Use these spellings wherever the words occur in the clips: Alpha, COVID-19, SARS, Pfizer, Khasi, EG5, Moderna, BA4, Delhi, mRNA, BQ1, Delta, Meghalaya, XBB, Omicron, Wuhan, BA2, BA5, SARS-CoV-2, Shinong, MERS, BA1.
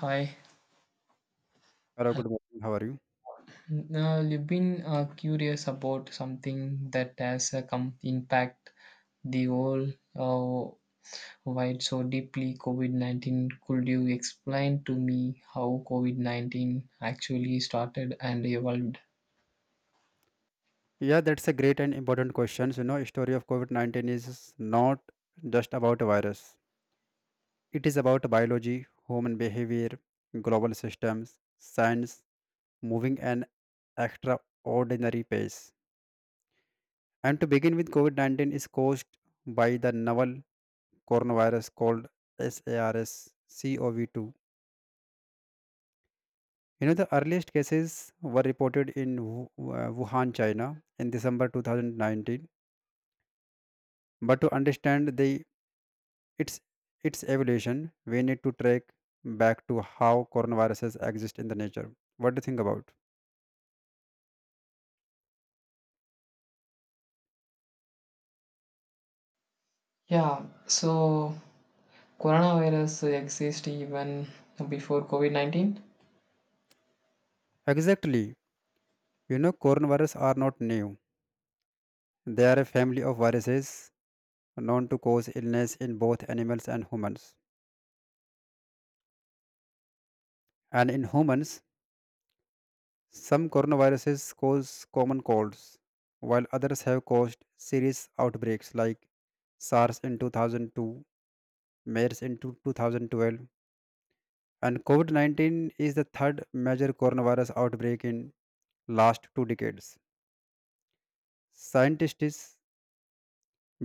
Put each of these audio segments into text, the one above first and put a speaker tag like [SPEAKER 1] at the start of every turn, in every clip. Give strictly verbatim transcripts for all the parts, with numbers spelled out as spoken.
[SPEAKER 1] Hi.
[SPEAKER 2] Hello, good morning. How are you?
[SPEAKER 1] Now, you've been uh, curious about something that has uh, come impact the whole uh, wide so deeply COVID nineteen. Could you explain to me how COVID nineteen actually started and evolved?
[SPEAKER 2] Yeah, that's a great and important question. You know, story of COVID nineteen is not just about a virus. It is about biology, human behavior, global systems, science moving an extraordinary pace. And to begin with, COVID nineteen is caused by the novel coronavirus called SARS-CoV two. You know, the earliest cases were reported in Wu- uh, Wuhan, China in December two thousand nineteen. But to understand the It's its evolution, we need to track back to how coronaviruses exist in the nature. What do you think about?
[SPEAKER 1] Yeah, so coronavirus exists even before COVID nineteen.
[SPEAKER 2] Exactly. You know, coronavirus are not new. They are a family of viruses known to cause illness in both animals and humans. And in humans, some coronaviruses cause common colds, while others have caused serious outbreaks like SARS in two thousand two, MERS in two thousand twelve, and COVID nineteen is the third major coronavirus outbreak in last two decades. Scientists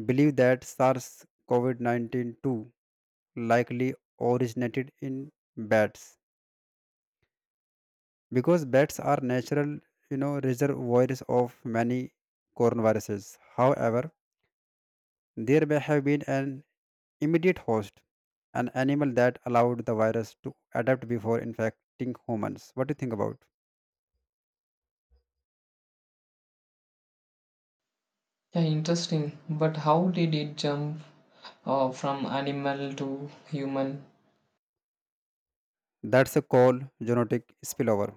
[SPEAKER 2] believe that SARS CoV nineteen too likely originated in bats because bats are natural you know, reservoirs of many coronaviruses. However, there may have been an immediate host, an animal that allowed the virus to adapt before infecting humans. What do you think about?
[SPEAKER 1] Yeah, interesting. But how did it jump uh, from animal to human?
[SPEAKER 2] That's a call genetic spillover.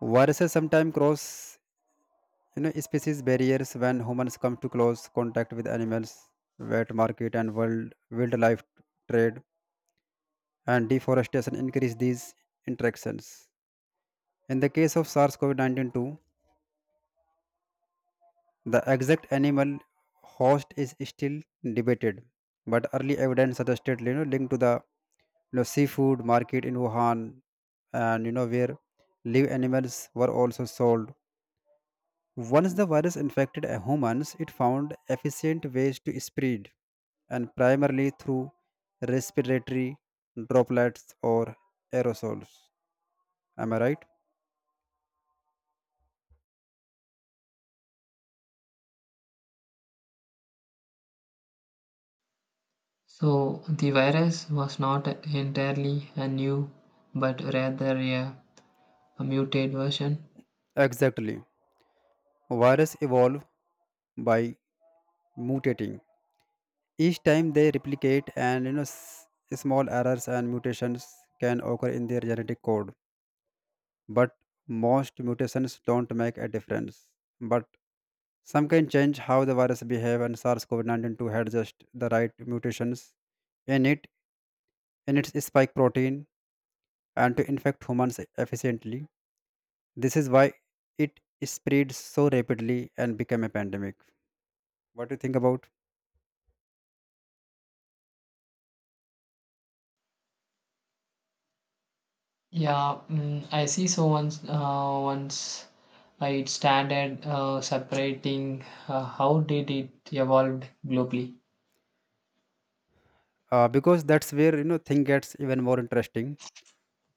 [SPEAKER 2] Viruses sometimes cross You know, species barriers when humans come to close contact with animals, wet market and world wildlife trade, and deforestation increase these interactions. In the case of SARS-CoV nineteen too, the exact animal host is still debated, but early evidence suggested you know linked to the you know, seafood market in Wuhan, and you know where live animals were also sold. Once the virus infected a humans, it found efficient ways to spread, and primarily through respiratory droplets or aerosols. Am I right?
[SPEAKER 1] So the virus was not entirely a new, but rather a, a mutate version.
[SPEAKER 2] Exactly. Virus evolve by mutating. Each time they replicate, and you know, s- small errors and mutations can occur in their genetic code. But most mutations don't make a difference. But some can change how the virus behave, and SARS-CoV two had just the right mutations in it in its spike protein and to infect humans efficiently. This is why it spread so rapidly and became a pandemic. What do you think about?
[SPEAKER 1] Yeah, mm, I see. So once, uh, once uh, it started uh, separating, uh, how did it evolve globally?
[SPEAKER 2] Uh, because that's where you know thing gets even more interesting.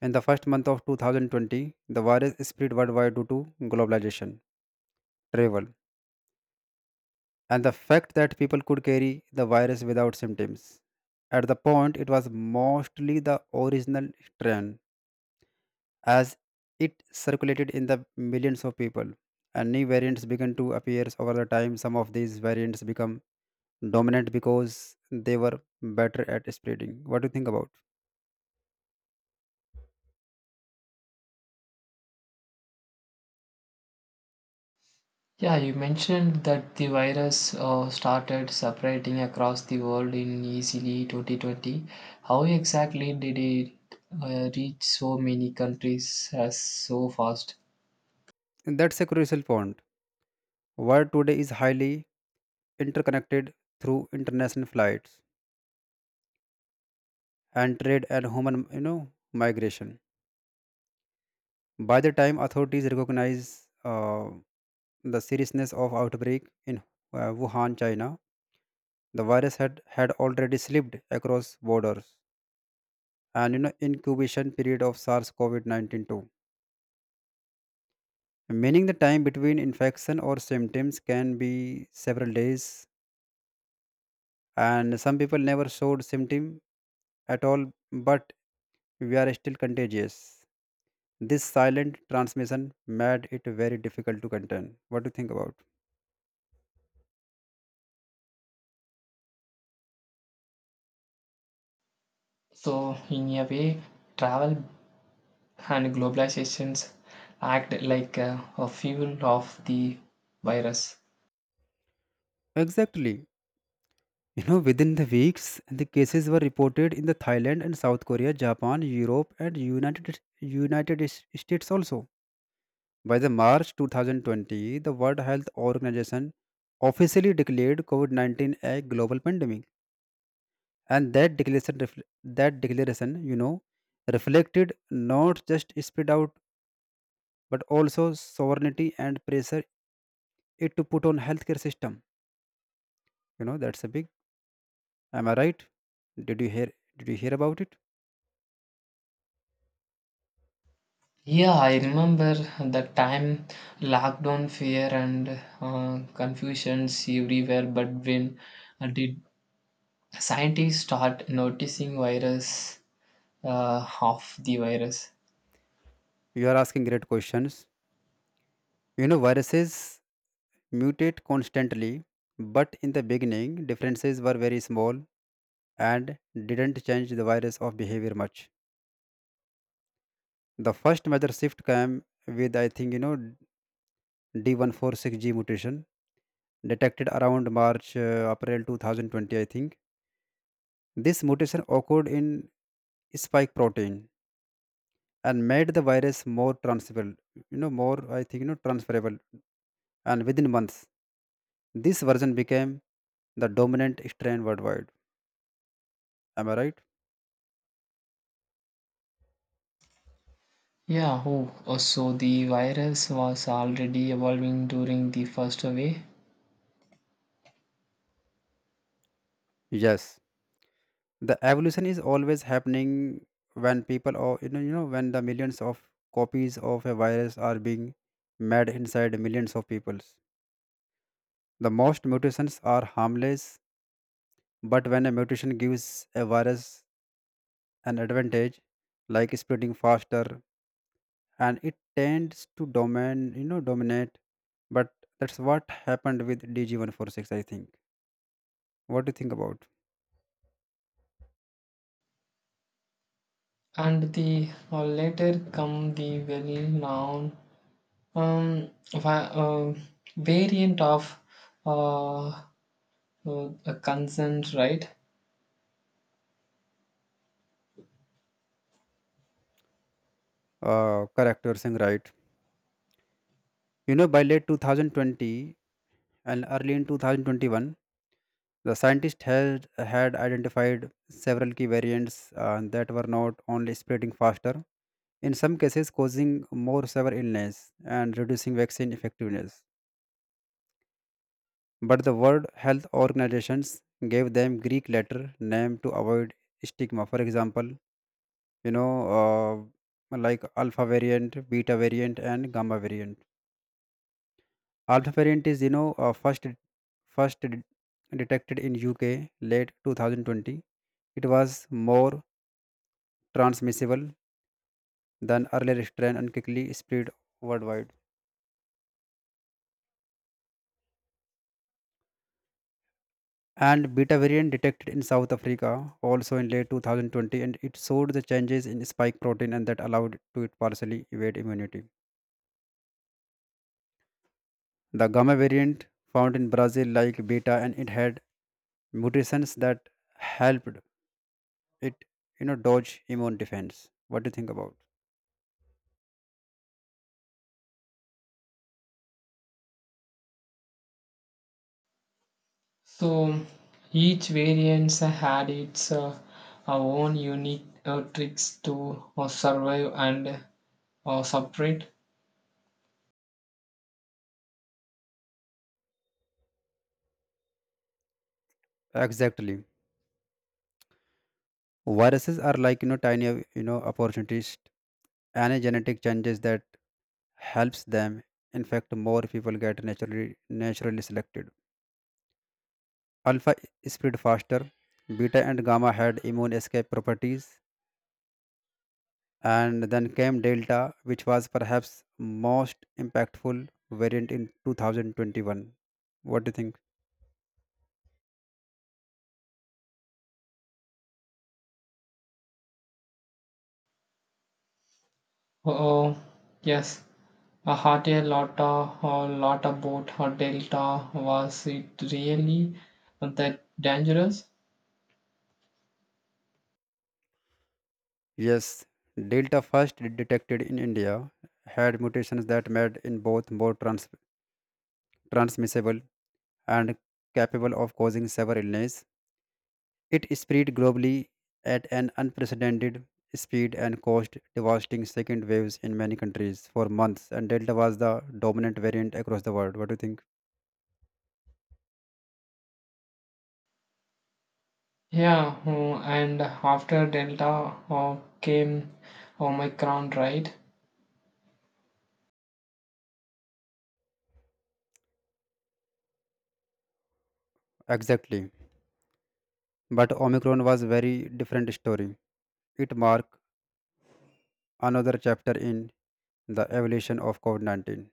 [SPEAKER 2] In the first month of two thousand twenty, the virus spread worldwide due to globalization, travel, and the fact that people could carry the virus without symptoms. At the point, it was mostly the original strain, as it circulated in the millions of people, and new variants began to appear over the time. Some of these variants become dominant because they were better at spreading. What do you think about?
[SPEAKER 1] Yeah, you mentioned that the virus uh, started separating across the world in easily twenty twenty. How exactly did it uh, reach so many countries as so fast?
[SPEAKER 2] And that's a crucial point. World today is highly interconnected through international flights and trade and human, you know, migration. By the time authorities recognize uh, the seriousness of outbreak in uh, Wuhan, China, the virus had, had already slipped across borders, and you know incubation period of SARS-CoV nineteen too. Meaning the time between infection or symptoms can be several days, and some people never showed symptom at all, but we are still contagious. This silent transmission made it very difficult to contain. What do you think about?
[SPEAKER 1] So, in a way, travel and globalizations act like a, a fuel of the virus.
[SPEAKER 2] Exactly. You know, within the weeks, the cases were reported in the Thailand and South Korea, Japan, Europe, and United United S- States also. By the March twenty twenty, the World Health Organization officially declared COVID nineteen a global pandemic, and that declaration refl- that declaration, you know, reflected not just spread out but also sovereignty and pressure it to put on healthcare system. You know, that's a big. Am I right? Did you hear? Did you hear about it?
[SPEAKER 1] Yeah, I remember the time lockdown fear and uh, confusions everywhere. But when uh, did scientists start noticing virus uh, of the virus?
[SPEAKER 2] You are asking great questions. You know, viruses mutate constantly, but in the beginning, differences were very small and didn't change the virus of behavior much. The first major shift came with, I think, you know, D one four six G mutation detected around March, uh, April twenty twenty, I think. This mutation occurred in spike protein and made the virus more transferable, you know, more, I think, you know, transferable. And within months, this version became the dominant strain worldwide. Am I right?
[SPEAKER 1] Yeah, oh, oh, so the virus was already evolving during the first wave.
[SPEAKER 2] Yes, the evolution is always happening when people or you know you know when the millions of copies of a virus are being made inside millions of peoples. The most mutations are harmless, but when a mutation gives a virus an advantage, like spreading faster, and it tends to domain you know dominate. But that's what happened with D G one four six, I think. What do you think about?
[SPEAKER 1] And the uh, later come the well-known um, va- uh, variant of uh, uh, a consent, right?
[SPEAKER 2] Uh, correct? You're saying right. You know, by late twenty twenty, and early in two thousand twenty-one, the scientists had, had identified several key variants uh, that were not only spreading faster, in some cases causing more severe illness and reducing vaccine effectiveness. But the World Health Organizations gave them Greek letter name to avoid stigma. For example, you know, uh, like alpha variant, beta variant, and gamma variant. Alpha is, you know, uh, first first det- detected in U K late twenty twenty. It was more transmissible than earlier strain and quickly spread worldwide. And beta variant detected in South Africa also in late twenty twenty, and it showed the changes in spike protein and that allowed to it partially evade immunity. The gamma variant found in Brazil like beta, and it had mutations that helped it, you know, dodge immune defense. What do you think about?
[SPEAKER 1] So each variant had its uh, own unique uh, tricks to uh, survive and uh, separate.
[SPEAKER 2] Exactly. Viruses are like you know tiny, you know opportunities. Any genetic changes that helps them infect more people get naturally naturally selected. Alpha spread faster. Beta and gamma had immune escape properties, and then came Delta, which was perhaps most impactful variant in twenty twenty-one. What do you think?
[SPEAKER 1] Oh, yes. A hotel lot of a lot about hotel delta was it really that dangerous?
[SPEAKER 2] Yes. Delta first detected in India had mutations that made in both more trans- transmissible and capable of causing severe illness. It spread globally at an unprecedented speed and caused devastating second waves in many countries for months. And Delta was the dominant variant across the world. What do you think?
[SPEAKER 1] Yeah, oh, and after Delta oh, came Omicron, right?
[SPEAKER 2] Exactly. But Omicron was very different story. It marked another chapter in the evolution of COVID nineteen.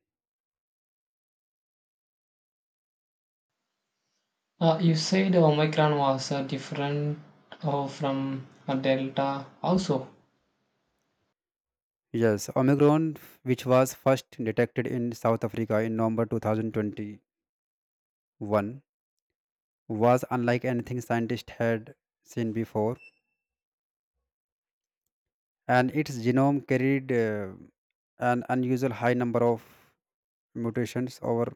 [SPEAKER 1] Uh, you said Omicron was uh, different uh, from uh, Delta also.
[SPEAKER 2] Yes, Omicron, which was first detected in South Africa in November twenty twenty-one, was unlike anything scientists had seen before, and its genome carried uh, an unusual high number of mutations over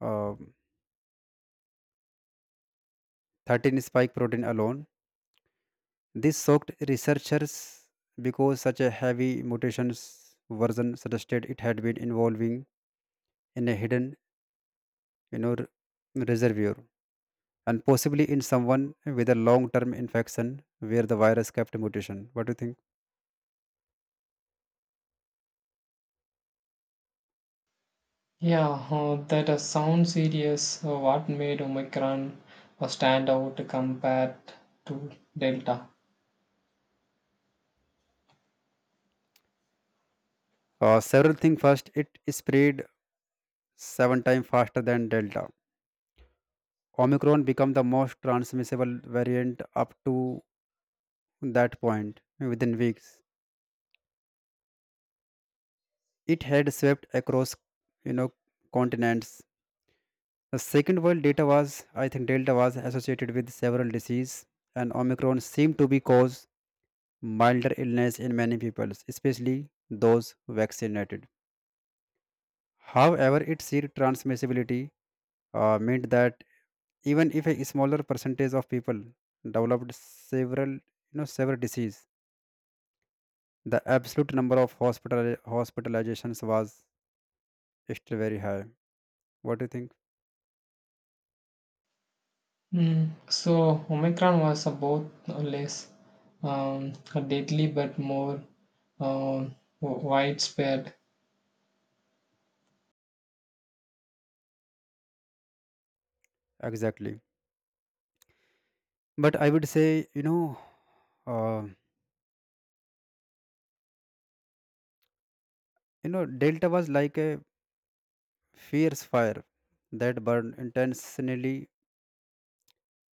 [SPEAKER 2] uh, thirteen spike protein alone. This shocked researchers because such a heavy mutations version suggested it had been involving in a hidden, you know, r- reservoir and possibly in someone with a long-term infection where the virus kept mutation. What do you think?
[SPEAKER 1] Yeah, uh, that uh, sounds serious. Uh, what made Omicron uh, stand out compared to Delta?
[SPEAKER 2] Uh, several things. First, it spread seven times faster than Delta. Omicron became the most transmissible variant up to that point within weeks. It had swept across you know continents. The second world data was I think Delta was associated with several disease, and Omicron seemed to be cause milder illness in many people, especially those vaccinated. However, its sheer transmissibility uh, meant that even if a smaller percentage of people developed several you know severe disease, the absolute number of hospital hospitalizations was still very high. What do you think?
[SPEAKER 1] Mm, so, Omicron was uh, both uh, less um, deadly but more uh, widespread.
[SPEAKER 2] Exactly. But I would say, you know uh, you know Delta was like a fierce fire that burned intensely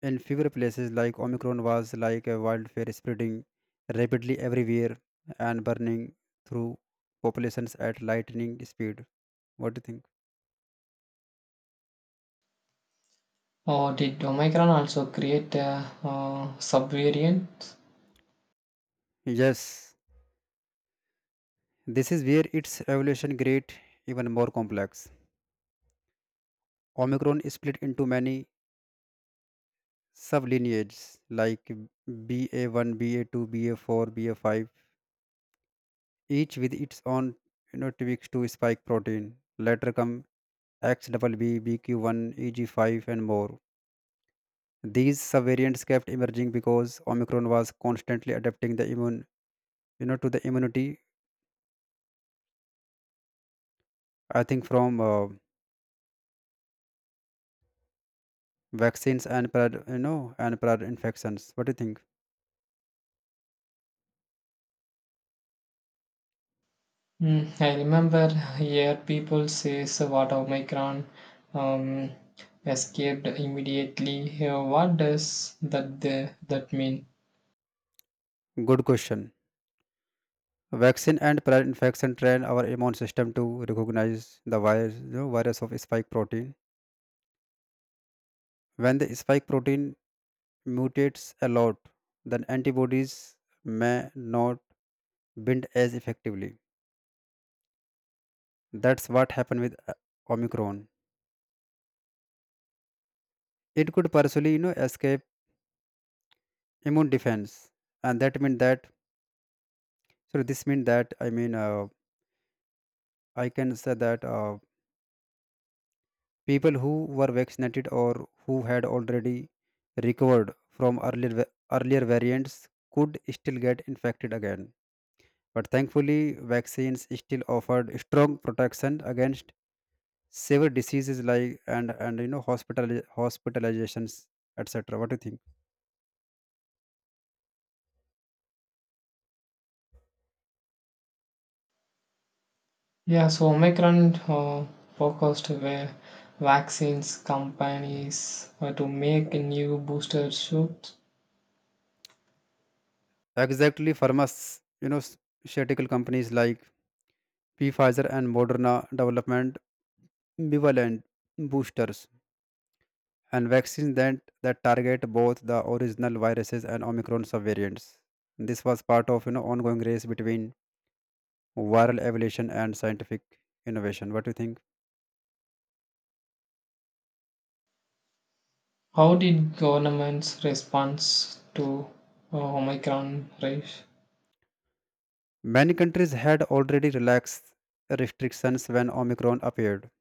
[SPEAKER 2] in fewer places. Like Omicron was like a wildfire spreading rapidly everywhere and burning through populations at lightning speed. What do you think?
[SPEAKER 1] Or did Omicron also create a uh, subvariant?
[SPEAKER 2] Yes. This is where its evolution great even more complex. Omicron is split into many sublineages like B A one, B A two, B A four, B A five, each with its own you know, T B X two spike protein. Later come X XBB, B Q one, E G five, and more. These subvariants kept emerging because Omicron was constantly adapting the immune, you know, to the immunity. I think from uh, vaccines and prior, you know, and prior infections. What do you think?
[SPEAKER 1] Mm, I remember here people says what Omicron um, escaped immediately. Uh, what does that the, that mean?
[SPEAKER 2] Good question. Vaccine and prior infection train our immune system to recognize the virus, you know, virus of spike protein. When the spike protein mutates a lot, then antibodies may not bind as effectively. That's what happened with uh, Omicron. It could partially, you know, escape immune defense, and that means that. So this means that, I mean, uh, I can say that uh, people who were vaccinated or who had already recovered from earlier, va- earlier variants could still get infected again. But thankfully, vaccines still offered strong protection against severe diseases like and and you know hospital hospitalizations, et cetera. What do you think?
[SPEAKER 1] Yeah, so Omicron uh, focused where vaccines companies uh, to make new booster shoots.
[SPEAKER 2] Exactly, pharmas you know pharmaceutical companies like Pfizer and Moderna development bivalent boosters and vaccines that, that target both the original viruses and Omicron subvariants. This was part of you know ongoing race between viral evolution and scientific innovation. What do you think?
[SPEAKER 1] How did governments response to uh, Omicron race?
[SPEAKER 2] Many countries had already relaxed restrictions when Omicron appeared,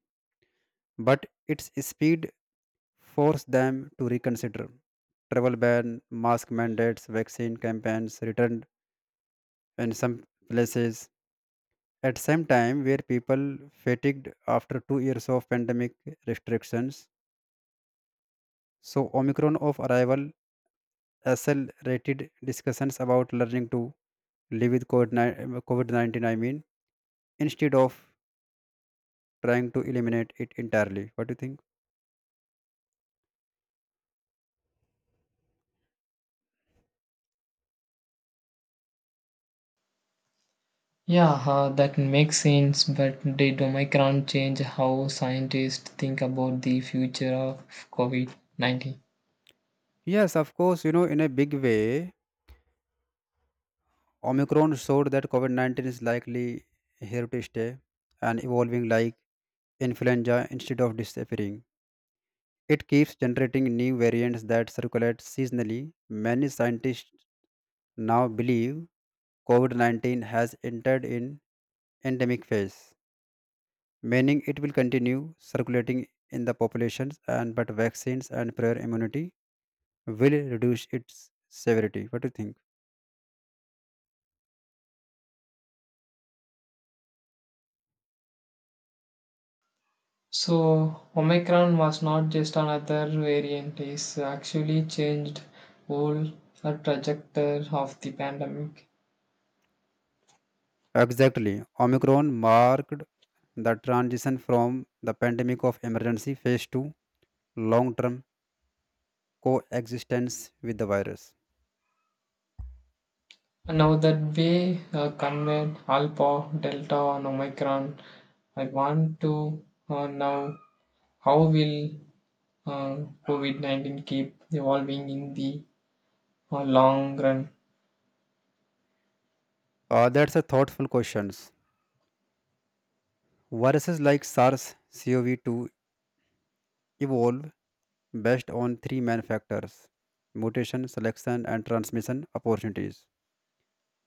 [SPEAKER 2] but its speed forced them to reconsider. Travel ban, mask mandates, vaccine campaigns returned in some places. At same time, where people fatigued after two years of pandemic restrictions. So, Omicron of arrival accelerated discussions about learning to live with COVID nineteen, I mean, instead of trying to eliminate it entirely. What do you think?
[SPEAKER 1] Yeah, uh, that makes sense, but did Omicron change how scientists think about the future of COVID nineteen?
[SPEAKER 2] Yes, of course, you know, in a big way, Omicron showed that COVID nineteen is likely here to stay and evolving like influenza instead of disappearing. It keeps generating new variants that circulate seasonally. Many scientists now believe COVID nineteen has entered in endemic phase, meaning it will continue circulating in the populations and but vaccines and prior immunity will reduce its severity. What do you think?
[SPEAKER 1] So, Omicron was not just another variant, it's actually changed whole uh, trajectory of the pandemic.
[SPEAKER 2] Exactly. Omicron marked the transition from the pandemic of emergency phase to long term coexistence with the virus.
[SPEAKER 1] Now that we uh, convert Alpha, Delta, and Omicron, I want to uh, know how will uh, COVID nineteen keep evolving in the uh, long run?
[SPEAKER 2] Uh, that's a thoughtful question. Viruses like sars cov two evolve based on three main factors: mutation, selection and transmission opportunities.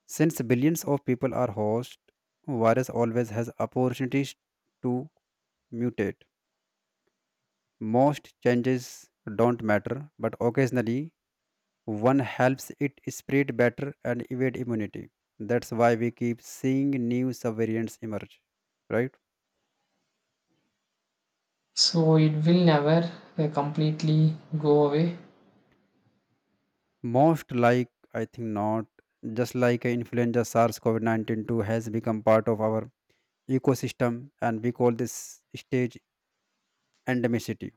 [SPEAKER 2] Since billions of people are host, virus always has opportunities to mutate. Most changes don't matter, but occasionally one helps it spread better and evade immunity. That's why we keep seeing new subvariants emerge, right?
[SPEAKER 1] So it will never uh, completely go away.
[SPEAKER 2] Most like, I think not, just like influenza SARS CoV nineteen two has become part of our ecosystem, and we call this stage endemicity,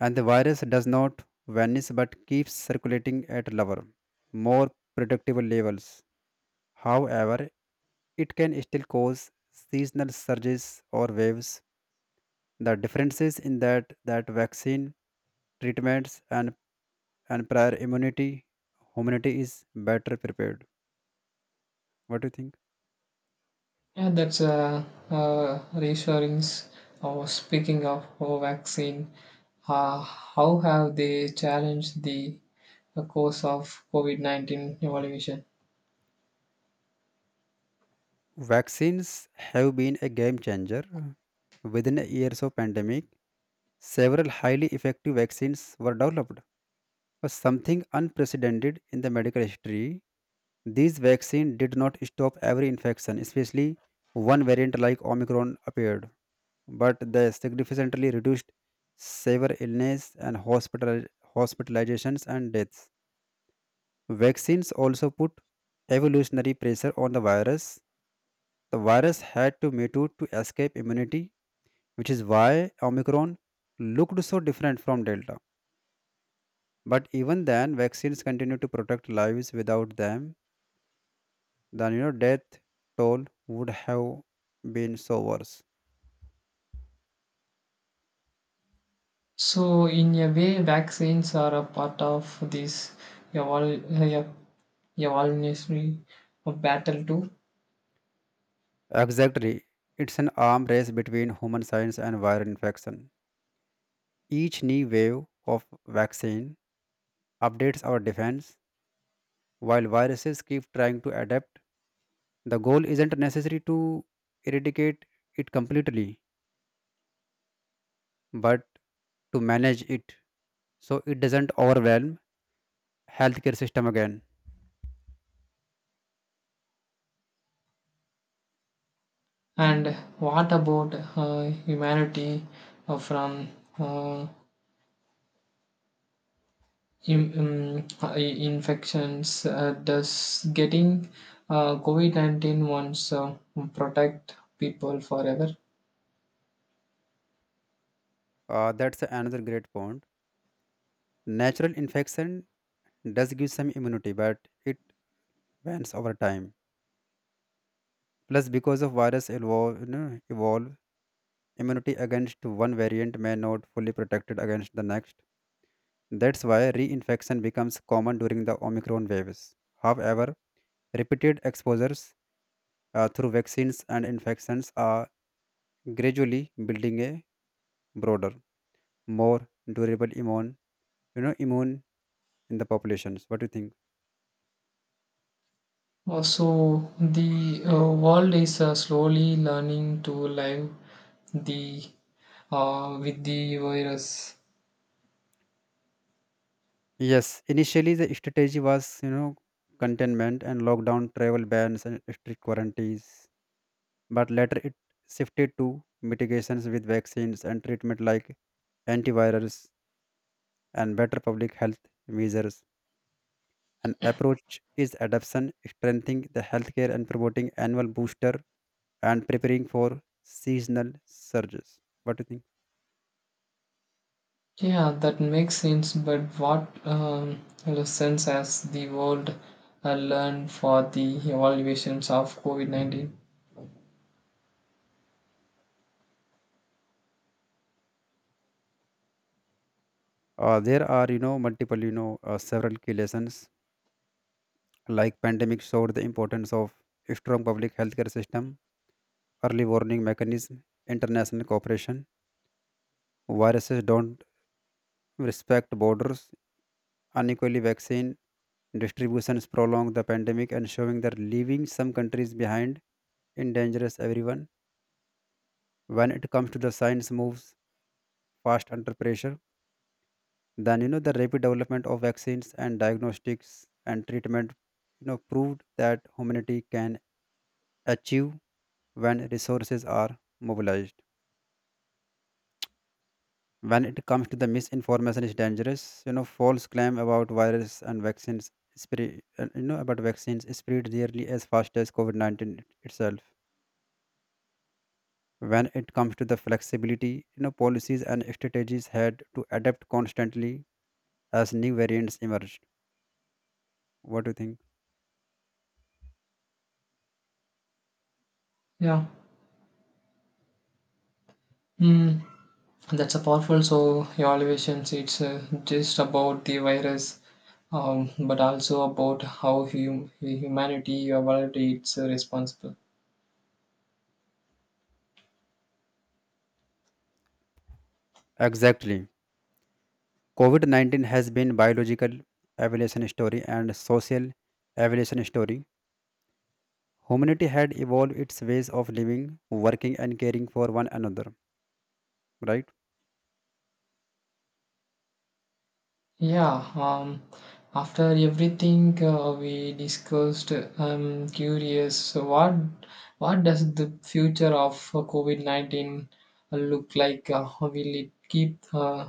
[SPEAKER 2] and the virus does not vanish but keeps circulating at lower, more predictable levels. However, it can still cause seasonal surges or waves. The differences in that that vaccine treatments and, and prior immunity, humanity is better prepared. What do you think?
[SPEAKER 1] Yeah, that's a, uh reassuring. Or speaking of uh, vaccine, uh, how have they challenged the uh, course of COVID nineteen evolution?
[SPEAKER 2] Vaccines have been a game changer. Within years of pandemic, several highly effective vaccines were developed, was something unprecedented in the medical history. These vaccines did not stop every infection, especially one variant like Omicron appeared, but they significantly reduced severe illness and hospital, hospitalizations and deaths. Vaccines also put evolutionary pressure on the virus. The virus had to mutate to escape immunity, which is why Omicron looked so different from Delta. But even then, vaccines continue to protect lives. Without them, then you know death toll would have been so worse.
[SPEAKER 1] So in a way, vaccines are a part of this evol- uh, evolutionary battle too.
[SPEAKER 2] Exactly. It's an arm race between human science and viral infection. Each new wave of vaccine updates our defense while viruses keep trying to adapt. The goal isn't necessary to eradicate it completely, but to manage it so it doesn't overwhelm healthcare system again.
[SPEAKER 1] And what about uh, humanity uh, from uh, in, um, uh, i- infections. Uh, does getting uh, COVID nineteen once uh, protect people forever?
[SPEAKER 2] Uh, that's another great point. Natural infection does give some immunity, but it Vans over time. Plus, because of virus evolve, you know, evolve, immunity against one variant may not fully protected against the next. That's why reinfection becomes common during the Omicron waves. However, repeated exposures uh, through vaccines and infections are gradually building a broader, more durable immune, you know, immune in the populations. What do you think?
[SPEAKER 1] Also, the uh, world is uh, slowly learning to live the uh, with the virus.
[SPEAKER 2] Yes, initially the strategy was, you know, containment and lockdown, travel bans and strict quarantines, but later it shifted to mitigations with vaccines and treatment like antivirals and better public health measures. An approach is adoption, strengthening the healthcare and promoting annual booster and preparing for seasonal surges. What do you think?
[SPEAKER 1] Yeah, that makes sense. But what um, lessons has the world uh, learned for the evaluations of COVID nineteen?
[SPEAKER 2] Uh, there are, you know, multiple, you know, uh, several key lessons like pandemic showed the importance of strong public healthcare system, early warning mechanism, international cooperation. Viruses don't respect borders. Unequally vaccine distributions prolonged the pandemic and showing that leaving some countries behind endangers everyone. When it comes to the science moves fast under pressure, then you know the rapid development of vaccines and diagnostics and treatment, you know, proved that humanity can achieve when resources are mobilized. When it comes to the misinformation is dangerous, you know, false claim about virus and vaccines spread uh, you know about vaccines spread nearly as fast as COVID nineteen itself. When it comes to the flexibility, you know, policies and strategies had to adapt constantly as new variants emerged. What do you think?
[SPEAKER 1] Yeah. Hmm. That's a powerful. So evaluations, it's uh, just about the virus, um, but also about how hum- humanity evaluates uh, responsible.
[SPEAKER 2] Exactly. COVID nineteen has been biological evolution story and social evolution story. Humanity had evolved its ways of living, working and caring for one another, right?
[SPEAKER 1] Yeah. Um, after everything uh, we discussed, I'm curious. So what what does the future of uh, COVID nineteen look like? Uh, will it keep uh,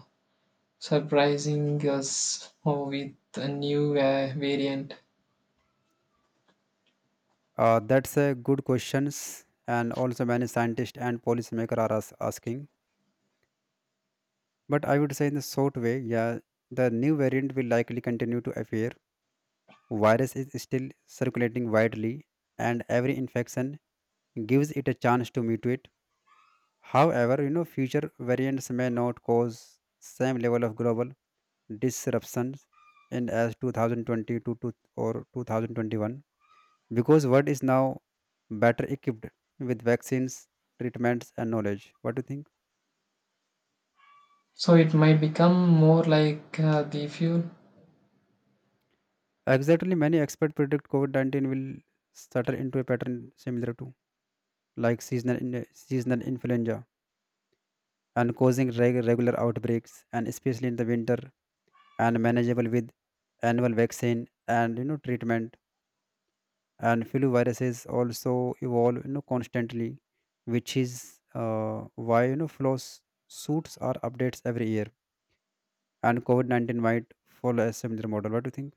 [SPEAKER 1] surprising us uh, with a new uh, variant?
[SPEAKER 2] Uh, that's a good questions, and also many scientists and policymakers are as- asking. But I would say in the short way, yeah, the new variant will likely continue to appear. Virus is still circulating widely, and every infection gives it a chance to mutate. However, you know, future variants may not cause same level of global disruptions in as two thousand twenty-two to, or twenty twenty-one, because world is now better equipped with vaccines, treatments, and knowledge. What do you think?
[SPEAKER 1] So it might become more like uh, the fuel.
[SPEAKER 2] Exactly, many experts predict COVID nineteen will settle into a pattern similar to like seasonal in, seasonal influenza and causing reg- regular outbreaks, and especially in the winter, and manageable with annual vaccine and you know treatment. And flu viruses also evolve you know constantly, which is uh, why you know flu s- suits are updates every year and COVID nineteen might follow a similar model. What do you think?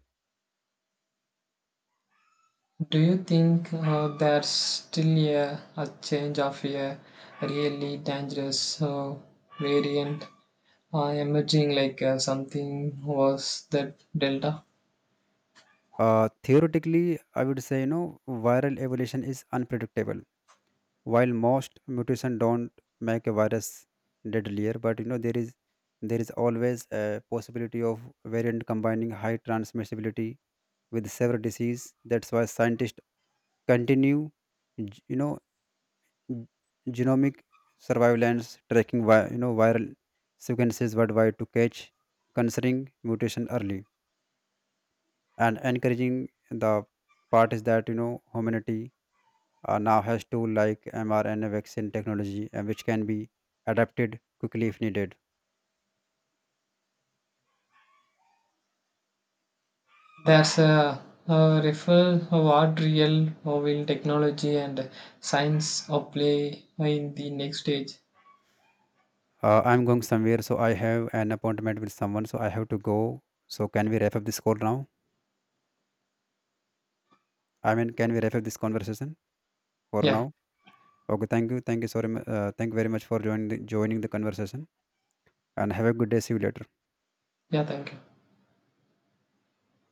[SPEAKER 1] Do you think uh, there's still a, a change of a really dangerous uh, variant uh, emerging like uh, something was that Delta?
[SPEAKER 2] Uh, theoretically, I would say, you know, viral evolution is unpredictable. While most mutation don't make a virus deadlier, but you know, there is there is always a possibility of variant combining high transmissibility with severe disease. That's why scientists continue, g- you know, g- genomic surveillance tracking, vi- you know, viral sequences worldwide to catch concerning mutation early. And encouraging the part is that you know humanity uh, now has tool like mrna vaccine technology uh, which can be adapted quickly if needed.
[SPEAKER 1] There's a, a referral of what real uh, will technology and science uh, play in the next stage.
[SPEAKER 2] Uh, i'm going somewhere so I have an appointment with someone, so I have to go. So can we wrap up this call now? I mean, can we wrap up this conversation for now?
[SPEAKER 1] Yeah,
[SPEAKER 2] Okay, thank you, thank you, sorry. Uh, thank you very much for joining the, joining the conversation, and have a good day, see you later.
[SPEAKER 1] yeah, thank you.